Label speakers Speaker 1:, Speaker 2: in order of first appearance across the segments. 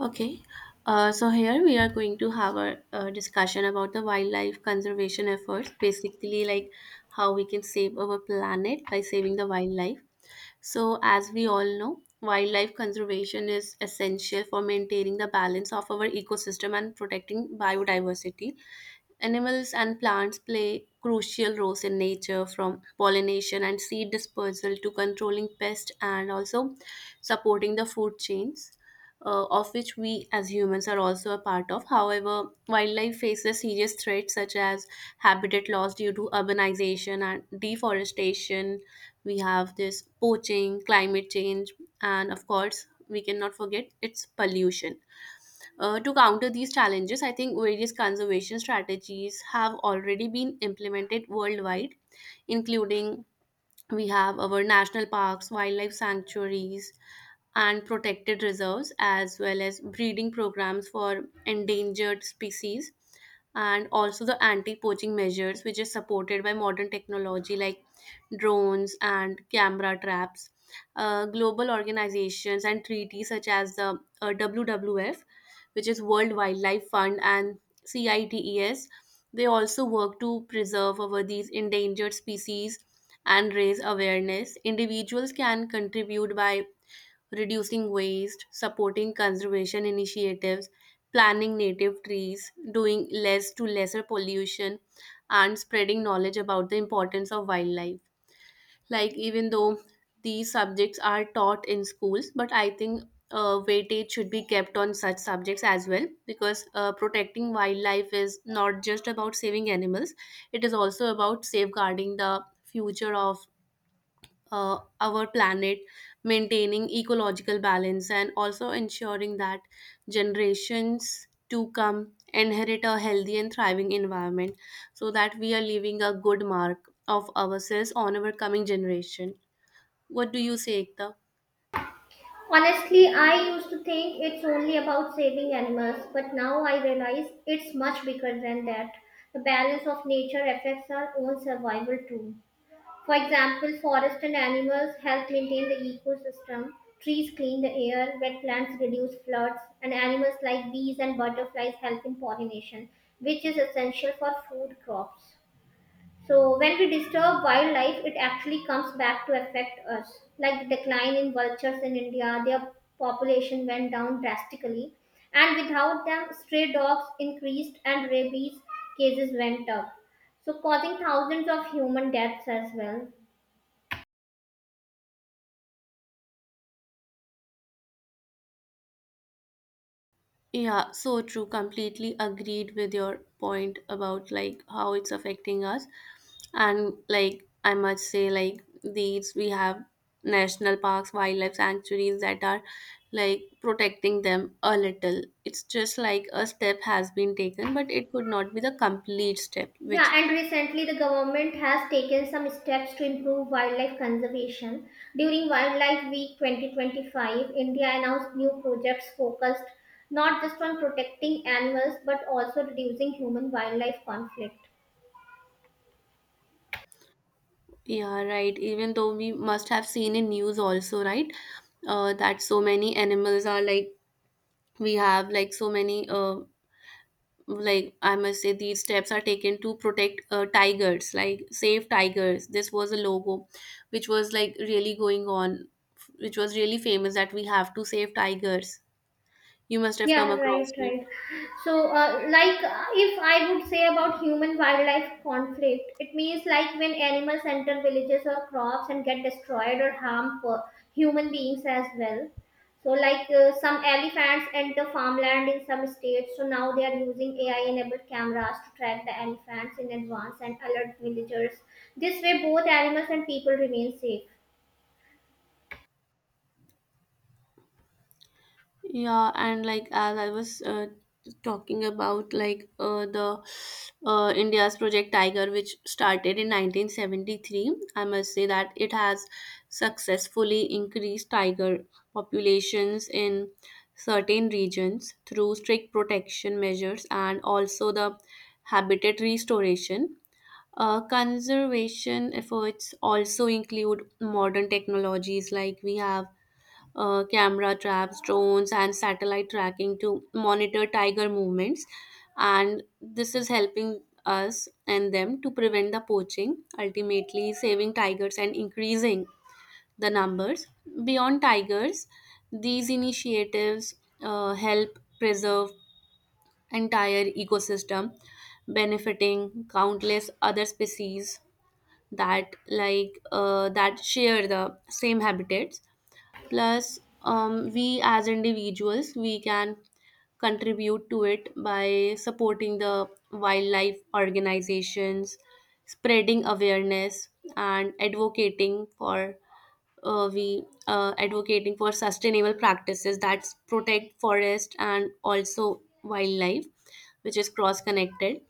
Speaker 1: Okay, so here we are going to have a discussion about the wildlife conservation efforts, basically, like how we can save our planet by saving the wildlife. So, as we all know, wildlife conservation is essential for maintaining the balance of our ecosystem and protecting biodiversity. Animals and plants play crucial roles in nature, from pollination and seed dispersal to controlling pests and also supporting the food chains, of which we as humans are also a part of. However, wildlife faces serious threats such as habitat loss due to urbanization and deforestation. We have this poaching, climate change, and of course, we cannot forget its pollution. To counter these challenges, I think various conservation strategies have already been implemented worldwide, including we have our national parks, wildlife sanctuaries, and protected reserves, as well as breeding programs for endangered species, and also the anti poaching measures, which is supported by modern technology like drones and camera traps. Global organizations and treaties such as the WWF, which is World Wildlife Fund, and CITES, they also work to preserve our these endangered species and raise awareness. Individuals can contribute by reducing waste, supporting conservation initiatives, planting native trees, doing less to lesser pollution, and spreading knowledge about the importance of wildlife. Like, even though these subjects are taught in schools, but I think weightage should be kept on such subjects as well because protecting wildlife is not just about saving animals, it is also about safeguarding the future of our planet, maintaining ecological balance, and also ensuring that generations to come inherit a healthy and thriving environment so that we are leaving a good mark of ourselves on our coming generation. What do you say, Ekta?
Speaker 2: Honestly, I used to think it's only about saving animals, but now I realize it's much bigger than that. The balance of nature affects our own survival too. For example, forests and animals help maintain the ecosystem, trees clean the air, wetlands reduce floods, and animals like bees and butterflies help in pollination, which is essential for food crops. So when we disturb wildlife, it actually comes back to affect us. Like the decline in vultures in India, their population went down drastically, and without them, stray dogs increased and rabies cases went up. So causing thousands of human deaths as well.
Speaker 1: Yeah, so true. Completely agreed with your point about like how it's affecting us. And like I must say, like these we have national parks, wildlife sanctuaries that are like protecting them a little. It's just like a step has been taken, but it could not be the complete step, which
Speaker 2: Yeah, and recently the government has taken some steps to improve wildlife conservation. During Wildlife Week 2025, India announced new projects focused not just on protecting animals but also reducing human wildlife conflict.
Speaker 1: yeah, right. Even though we must have seen in news also, right? That so many animals are like we have like so many like I must say these steps are taken to protect tigers like save tigers, this was a logo which was like really going on, which was really famous that we have to save tigers, you must have come
Speaker 2: Yeah, right,
Speaker 1: across.
Speaker 2: right. So, like, if I would say about human wildlife conflict, it means like when animals enter villages or crops and get destroyed or harm for human beings as well. So, like, some elephants enter farmland in some states, so now they are using AI enabled cameras to track the elephants in advance and alert villagers. This way, both animals and people remain safe.
Speaker 1: Yeah, and like as I was talking about like the India's Project Tiger, which started in 1973, I must say that it has successfully increased tiger populations in certain regions through strict protection measures and also the habitat restoration. Conservation efforts also include modern technologies like we have camera traps, drones, and satellite tracking to monitor tiger movements. And this is helping us and them to prevent the poaching, ultimately saving tigers and increasing the numbers. Beyond tigers, these initiatives help preserve entire ecosystem, benefiting countless other species that that share the same habitats, plus we as individuals we can contribute to it by supporting the wildlife organizations, spreading awareness, and advocating for we advocating for sustainable practices that protect forest and also wildlife, which is cross connected.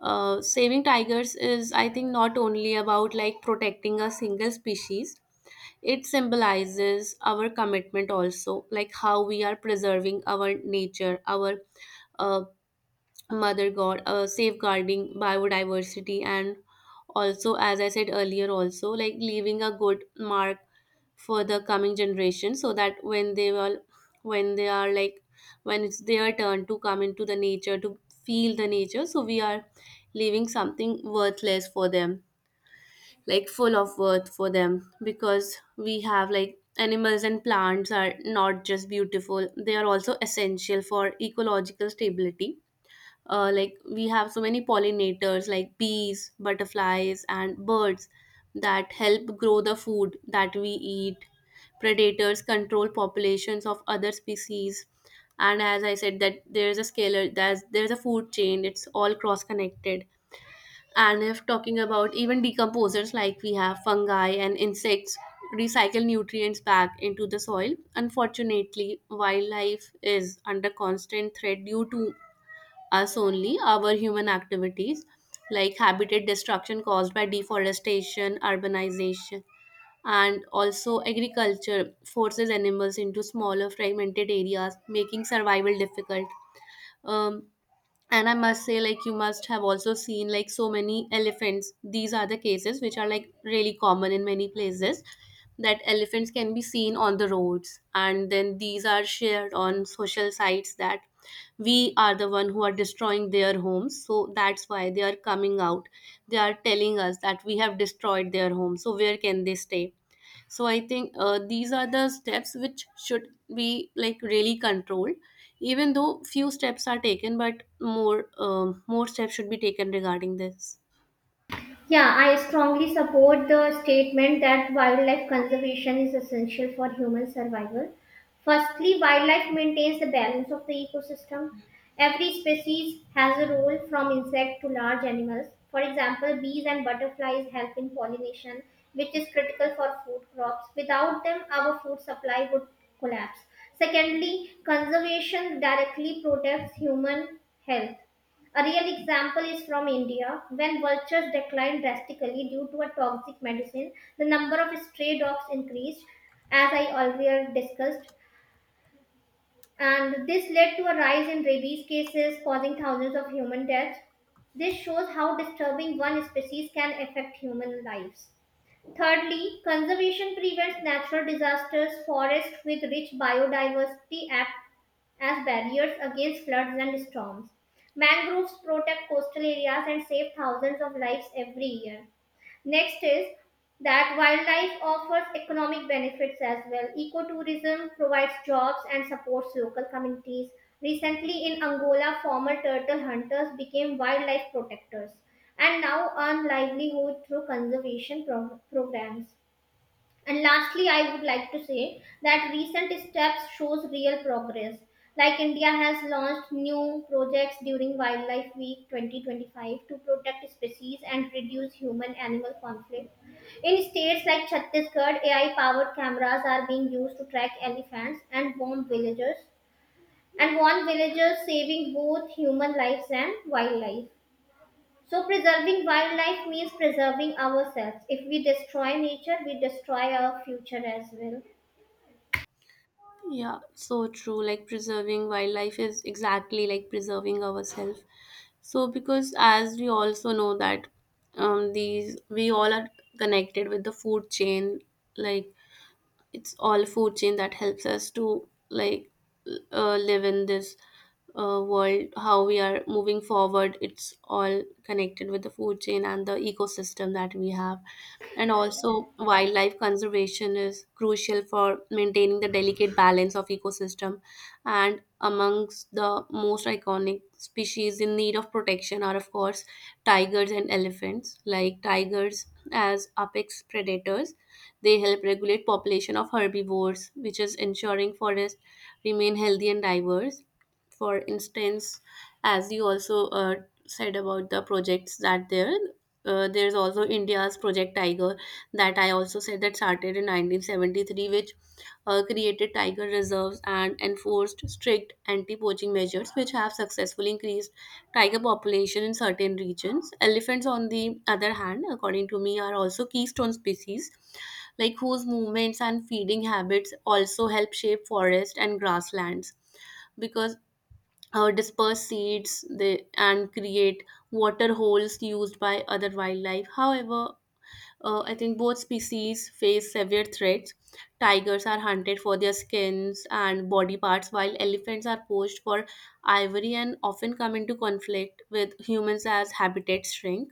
Speaker 1: Saving tigers is I think not only about like protecting a single species, it symbolizes our commitment also, like how we are preserving our nature, our uh, mother god, safeguarding biodiversity, and also, as I said earlier, also like leaving a good mark for the coming generation, so that when they will, when they are like, when it's their turn to come into the nature to feel the nature, so we are leaving something worthless for them like full of worth for them, because we have like animals and plants are not just beautiful, they are also essential for ecological stability. Like we have so many pollinators like bees, butterflies, and birds that help grow the food that we eat. Predators control populations of other species, and as I said, that there is a scalar, there's a food chain, it's all cross connected. And if talking about even decomposers, like we have fungi and insects recycle nutrients back into the soil. Unfortunately, wildlife is under constant threat due to us only, our human activities like habitat destruction caused by deforestation, urbanization, and also agriculture forces animals into smaller fragmented areas, making survival difficult. Um, and I must say like you must have also seen like so many elephants, these are the cases which are like really common in many places, that elephants can be seen on the roads, and then these are shared on social sites that we are the one who are destroying their homes, so that's why they are coming out. They are telling us that we have destroyed their home, so where can they stay? So I think these are the steps which should be like really controlled. Even though few steps are taken, but more steps should be taken regarding this.
Speaker 2: Yeah, I strongly support the statement that wildlife conservation is essential for human survival. Firstly, wildlife maintains the balance of the ecosystem. Every species has a role from insect to large animals. For example, bees and butterflies help in pollination, which is critical for food crops. Without them, our food supply would collapse. Secondly, conservation directly protects human health. A real example is from India. When vultures declined drastically due to a toxic medicine, the number of stray dogs increased, as I earlier discussed, and this led to a rise in rabies cases, causing thousands of human deaths. This shows how disturbing one species can affect human lives. Thirdly, conservation prevents natural disasters. Forests with rich biodiversity act as barriers against floods and storms. Mangroves protect coastal areas and save thousands of lives every year. Next is that wildlife offers economic benefits as well. Ecotourism provides jobs and supports local communities. Recently in Angola, former turtle hunters became wildlife protectors and now earn livelihood through programs. And lastly, I would like to say that recent steps shows real progress. Like India has launched new projects during Wildlife Week 2025 to protect species and reduce human-animal conflict. In states like Chhattisgarh, AI-powered cameras are being used to track elephants and warn villagers, saving both human lives and wildlife. So, preserving wildlife means preserving ourselves. If we destroy nature, we destroy our future as well.
Speaker 1: Yeah, so true. Like preserving wildlife is exactly like preserving ourselves. So because as we also know that these we all are connected with the food chain, like it's all food chain that helps us to like live in this world. How we are moving forward, it's all connected with the food chain and the ecosystem that we have. And also wildlife conservation is crucial for maintaining the delicate balance of ecosystem, and amongst the most iconic species in need of protection are of course tigers and elephants. Like tigers as apex predators, they help regulate population of herbivores, which is ensuring forests remain healthy and diverse. For instance, as you also said about the projects that there's also India's Project Tiger, that I also said that started in 1973, which created tiger reserves and enforced strict anti-poaching measures, which have successfully increased tiger population in certain regions. Elephants on the other hand, according to me, are also keystone species, like whose movements and feeding habits also help shape forest and grasslands, because disperse seeds they, and create water holes used by other wildlife. However, I think both species face severe threats. Tigers are hunted for their skins and body parts, while elephants are poached for ivory and often come into conflict with humans as habitats shrink.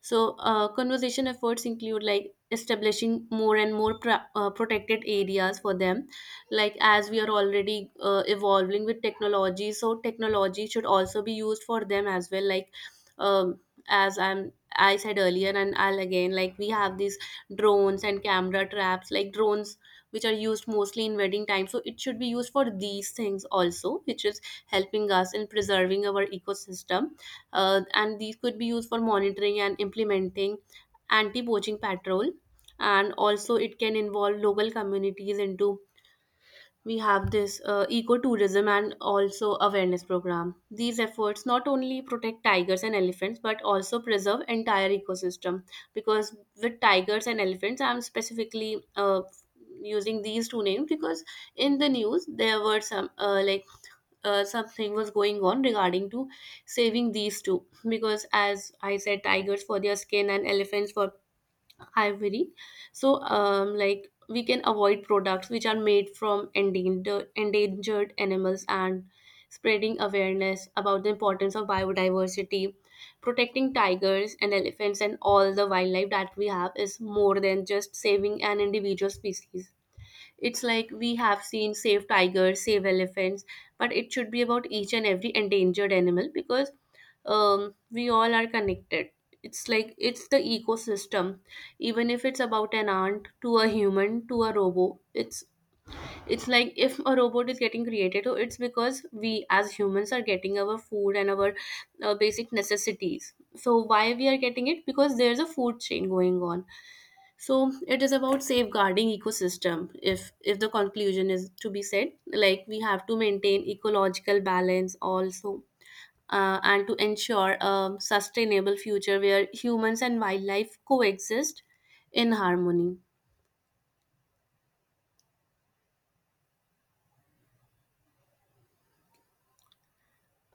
Speaker 1: So, conservation efforts include like establishing more and more protected areas for them. Like as we are already evolving with technology, so technology should also be used for them as well. Like um, as I said earlier, and I'll again like we have these drones and camera traps, like drones which are used mostly in wedding time. So it should be used for these things also, which is helping us in preserving our ecosystem. And these could be used for monitoring and implementing anti-poaching patrol, and also it can involve local communities into we have this ecotourism and also awareness program. These efforts not only protect tigers and elephants but also preserve entire ecosystem, because with tigers and elephants I'm specifically using these two names because in the news there were something was going on regarding to saving these two, because as I said tigers for their skin and elephants for ivory. So like we can avoid products which are made from endangered animals and spreading awareness about the importance of biodiversity. Protecting tigers and elephants and all the wildlife that we have is more than just saving an individual species. It's like we have seen save tigers, save elephants, but it should be about each and every endangered animal, because we all are connected. It's like it's the ecosystem. Even if it's about an ant to a human to a robot, it's like if a robot is getting created, oh, it's because we as humans are getting our food and our basic necessities. So why we are getting it? Because there's a food chain going on, so it is about safeguarding ecosystem. If the conclusion is to be said, like we have to maintain ecological balance also, and to ensure a sustainable future where humans and wildlife coexist in harmony.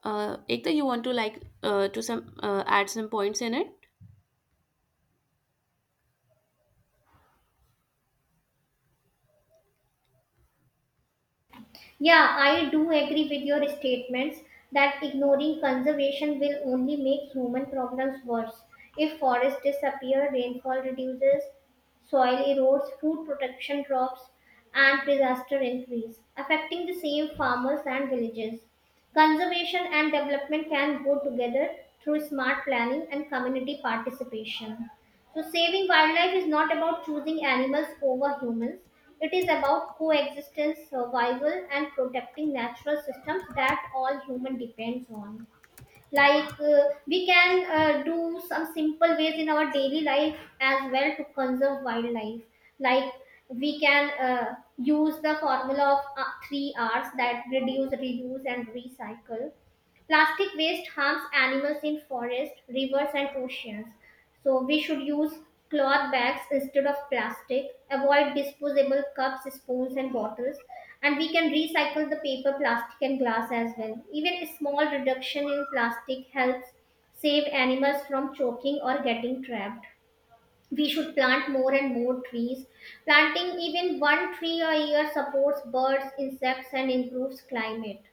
Speaker 1: Ekta, you want to like to some add some points in it?
Speaker 2: Yeah, I do agree with your statements that ignoring conservation will only make human problems worse. If forests disappear, rainfall reduces, soil erodes, food protection drops, and disaster increase, affecting the same farmers and villages. Conservation and development can go together through smart planning and community participation. So, saving wildlife is not about choosing animals over humans. It is about coexistence, survival, and protecting natural systems that all human depends on. Like we can do some simple ways in our daily life as well to conserve wildlife. Like we can use the formula of three R's, that reduce, reuse, and recycle. Plastic waste harms animals in forests, rivers, and oceans. So we should use cloth bags instead of plastic, avoid disposable cups, spoons, and bottles, and we can recycle the paper, plastic, and glass as well. Even a small reduction in plastic helps save animals from choking or getting trapped. We should plant more and more trees. Planting even one tree a year supports birds, insects, and improves climate.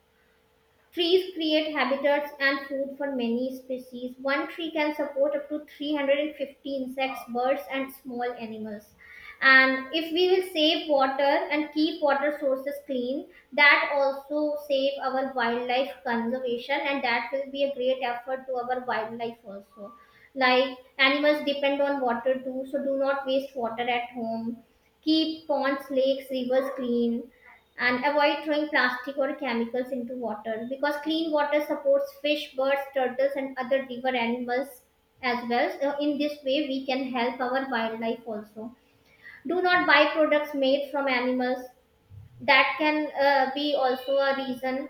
Speaker 2: Trees create habitats and food for many species. One tree can support up to 350 insects, birds, and small animals. And if we will save water and keep water sources clean, that also save our wildlife conservation, and that will be a great effort to our wildlife also. Like animals depend on water too, so do not waste water at home. Keep ponds, lakes, rivers clean and avoid throwing plastic or chemicals into water, because clean water supports fish, birds, turtles, and other river animals as well. So in this way, we can help our wildlife also. Do not buy products made from animals. That can be also a reason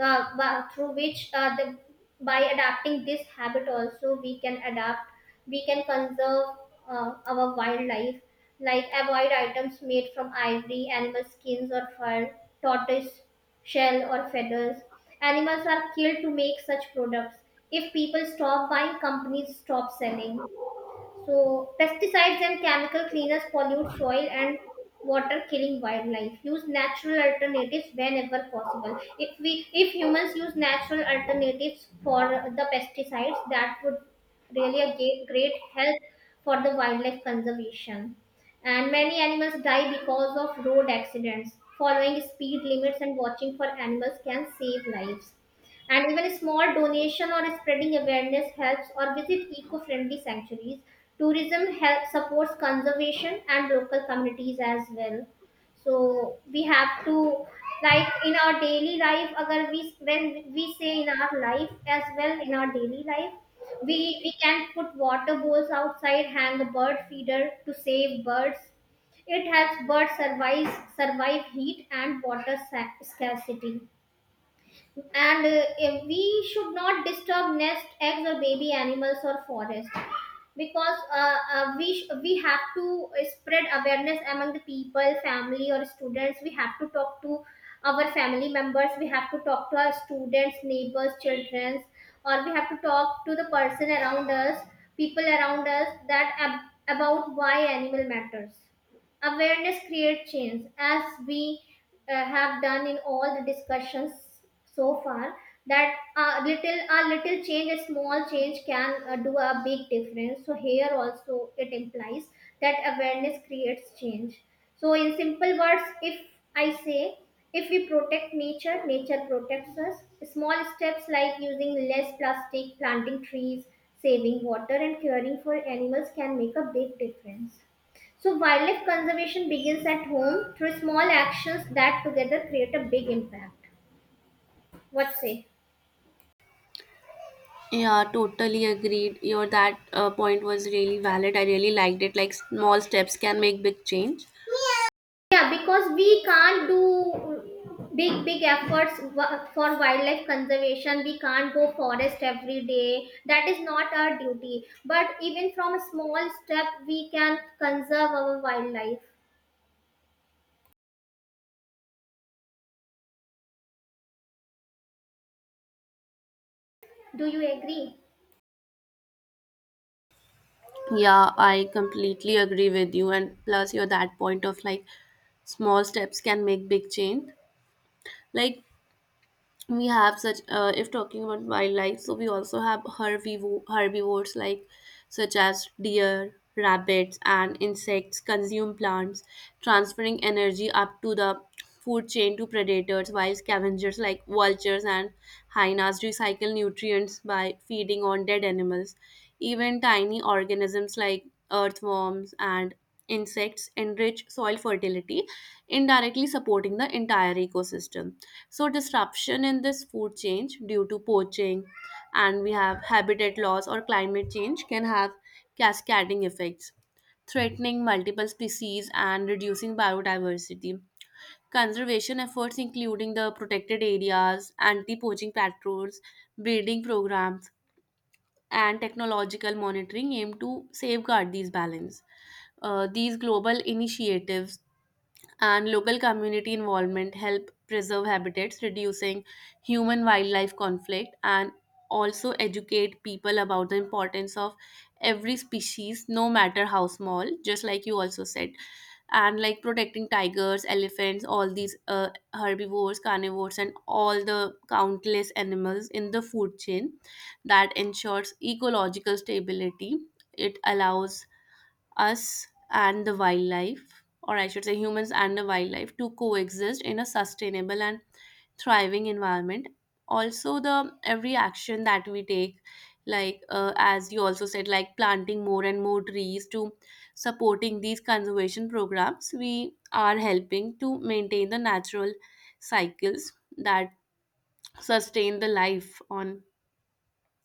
Speaker 2: uh, by- through which uh, the, by adapting this habit also we can conserve our wildlife. Like, avoid items made from ivory, animal skins or fur, tortoise shell or feathers. Animals are killed to make such products. If people stop buying, companies stop selling. So, pesticides and chemical cleaners pollute soil and water, killing wildlife. Use natural alternatives whenever possible. If humans use natural alternatives for the pesticides, that would great help for the wildlife conservation. And many animals die because of road accidents. Following speed limits and watching for animals can save lives. And even a small donation or spreading awareness helps, or visit eco friendly sanctuaries. Tourism help, supports conservation and local communities as well. So we have to, like, in our daily life, agar we, when we say, in our life as well, in our daily life, we can put water bowls outside, hang a bird feeder to save birds. It helps birds survive heat and scarcity. And if we should not disturb nest eggs or baby animals or forest, because we have to spread awareness among the people, family or students. We have to talk to our family members, we have to talk to our students, neighbors, children, or we have to talk to the person around us, that about why animal matters. Awareness creates change, as we have done in all the discussions so far. That a little, a small change can do a big difference. So here also it implies that awareness creates change. So in simple words, if I say if we protect nature, nature protects us. Small steps like using less plastic, planting trees, saving water, and caring for animals can make a big difference. So, wildlife conservation begins at home through small actions that together create a big impact. What say?
Speaker 1: Yeah, totally agreed your that point was really valid, I really liked it, like small steps can make big change.
Speaker 2: Yeah, because we can't do big, big efforts for wildlife conservation. We can't go forest every day. That is not our duty. But even from a small step, we can conserve our wildlife. Do you agree?
Speaker 1: Yeah, I completely agree with you. And plus, you're that point of like small steps can make big change. Like we have such if talking about wildlife, so we also have herbivores like such as deer, rabbits, and insects consume plants, transferring energy up to the food chain to predators, while scavengers like vultures and hyenas recycle nutrients by feeding on dead animals. Even tiny organisms like earthworms and insects enrich soil fertility, indirectly supporting the entire ecosystem. So, disruption in this food chain due to poaching and we have habitat loss or climate change can have cascading effects, threatening multiple species and reducing biodiversity. Conservation efforts, including the protected areas, anti poaching patrols, breeding programs, and technological monitoring aim to safeguard these balance. These global initiatives and local community involvement help preserve habitats, reducing human wildlife conflict, and also educate people about the importance of every species no matter how small, just like you also said. And like protecting tigers, elephants, all these herbivores, carnivores, and all the countless animals in the food chain that ensures ecological stability, it allows us and the wildlife, or I should say humans and the wildlife, to coexist in a sustainable and thriving environment. Also, the every action that we take, like as you also said, like planting more and more trees to supporting these conservation programs, we are helping to maintain the natural cycles that sustain the life on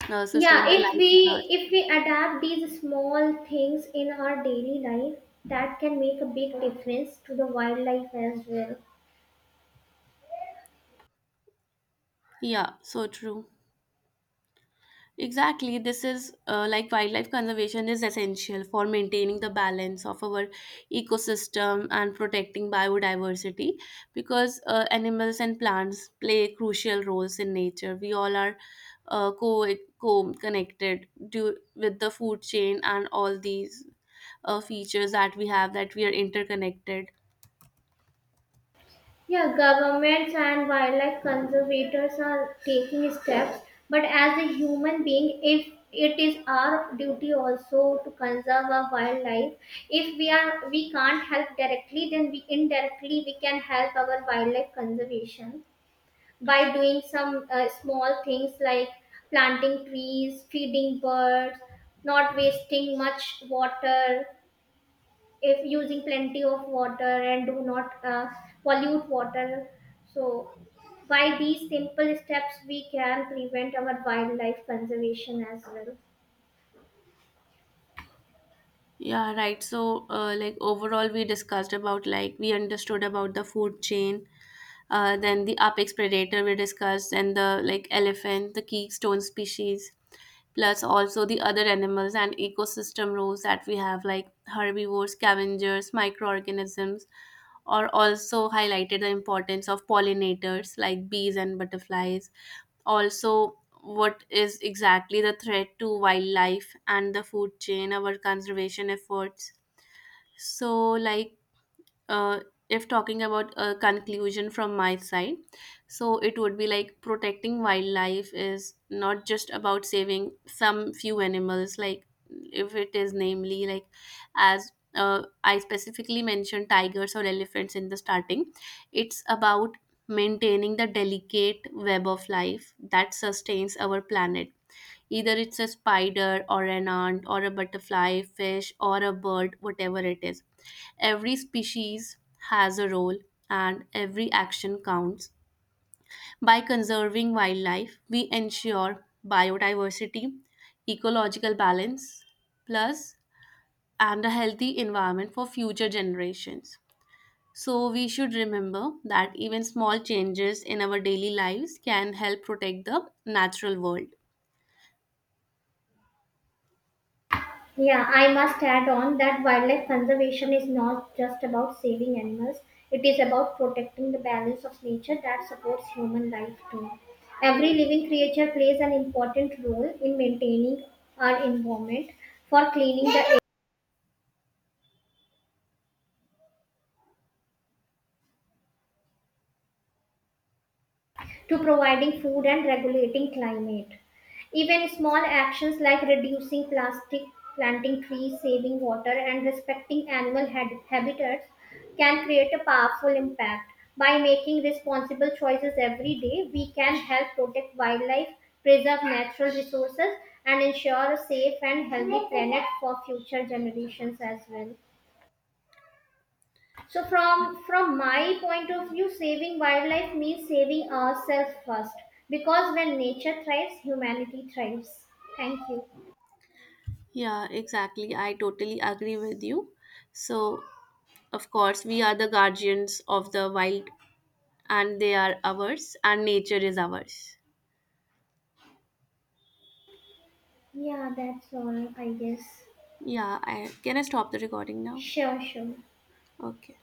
Speaker 2: Yeah,
Speaker 1: Earth.
Speaker 2: if we adapt these small things in our daily life, that can make a big difference to the wildlife as well.
Speaker 1: Yeah, so true. Exactly, this is like wildlife conservation is essential for maintaining the balance of our ecosystem and protecting biodiversity, because animals and plants play crucial roles in nature. We all are co co connected due with the food chain and all these features that we have, that we are interconnected.
Speaker 2: Yeah, governments and wildlife conservators are taking steps, but as a human being, if it is our duty also to conserve our wildlife. If we are we can't help directly, then we indirectly we can help our wildlife conservation by doing some small things like planting trees, feeding birds, not wasting much water, if using plenty of water, and do not pollute water. So by these simple steps, we can prevent our wildlife conservation as well.
Speaker 1: Yeah, right. So, like overall, we discussed about like we understood about the food chain, then the apex predator we discussed, and the like elephant, the keystone species, plus also the other animals and ecosystem roles that we have, like herbivores, scavengers, microorganisms, or also highlighted the importance of pollinators like bees and butterflies. Also, what is exactly the threat to wildlife and the food chain, our conservation efforts. So, like, uh, if talking about a conclusion from my side, so it would be like protecting wildlife is not just about saving some few animals, like, if it is namely, like, as I specifically mentioned tigers or elephants in the starting, it's about maintaining the delicate web of life that sustains our planet. Either it's a spider or an ant or a butterfly, fish or a bird, whatever it is. Every species has a role and every action counts. By conserving wildlife, we ensure biodiversity, ecological balance, plus and a healthy environment for future generations. So, we should remember that even small changes in our daily lives can help protect the natural world.
Speaker 2: Yeah, I must add on that wildlife conservation is not just about saving animals, it is about protecting the balance of nature that supports human life too. Every living creature plays an important role in maintaining our environment. For cleaning the, to providing food and regulating climate. Even small actions like reducing plastic, planting trees, saving water, and respecting habitats can create a powerful impact. By making responsible choices every day, we can help protect wildlife, preserve natural resources, and ensure a safe and healthy planet for future generations as well. So from my point of view, saving wildlife means saving ourselves first. Because when nature thrives, humanity thrives. Thank you.
Speaker 1: Yeah, exactly. I totally agree with you. So, of course, we are the guardians of the wild, and they are ours, and nature is ours.
Speaker 2: Yeah, that's all I guess.
Speaker 1: Yeah, I, can I stop the recording now?
Speaker 2: Sure, sure.
Speaker 1: Okay.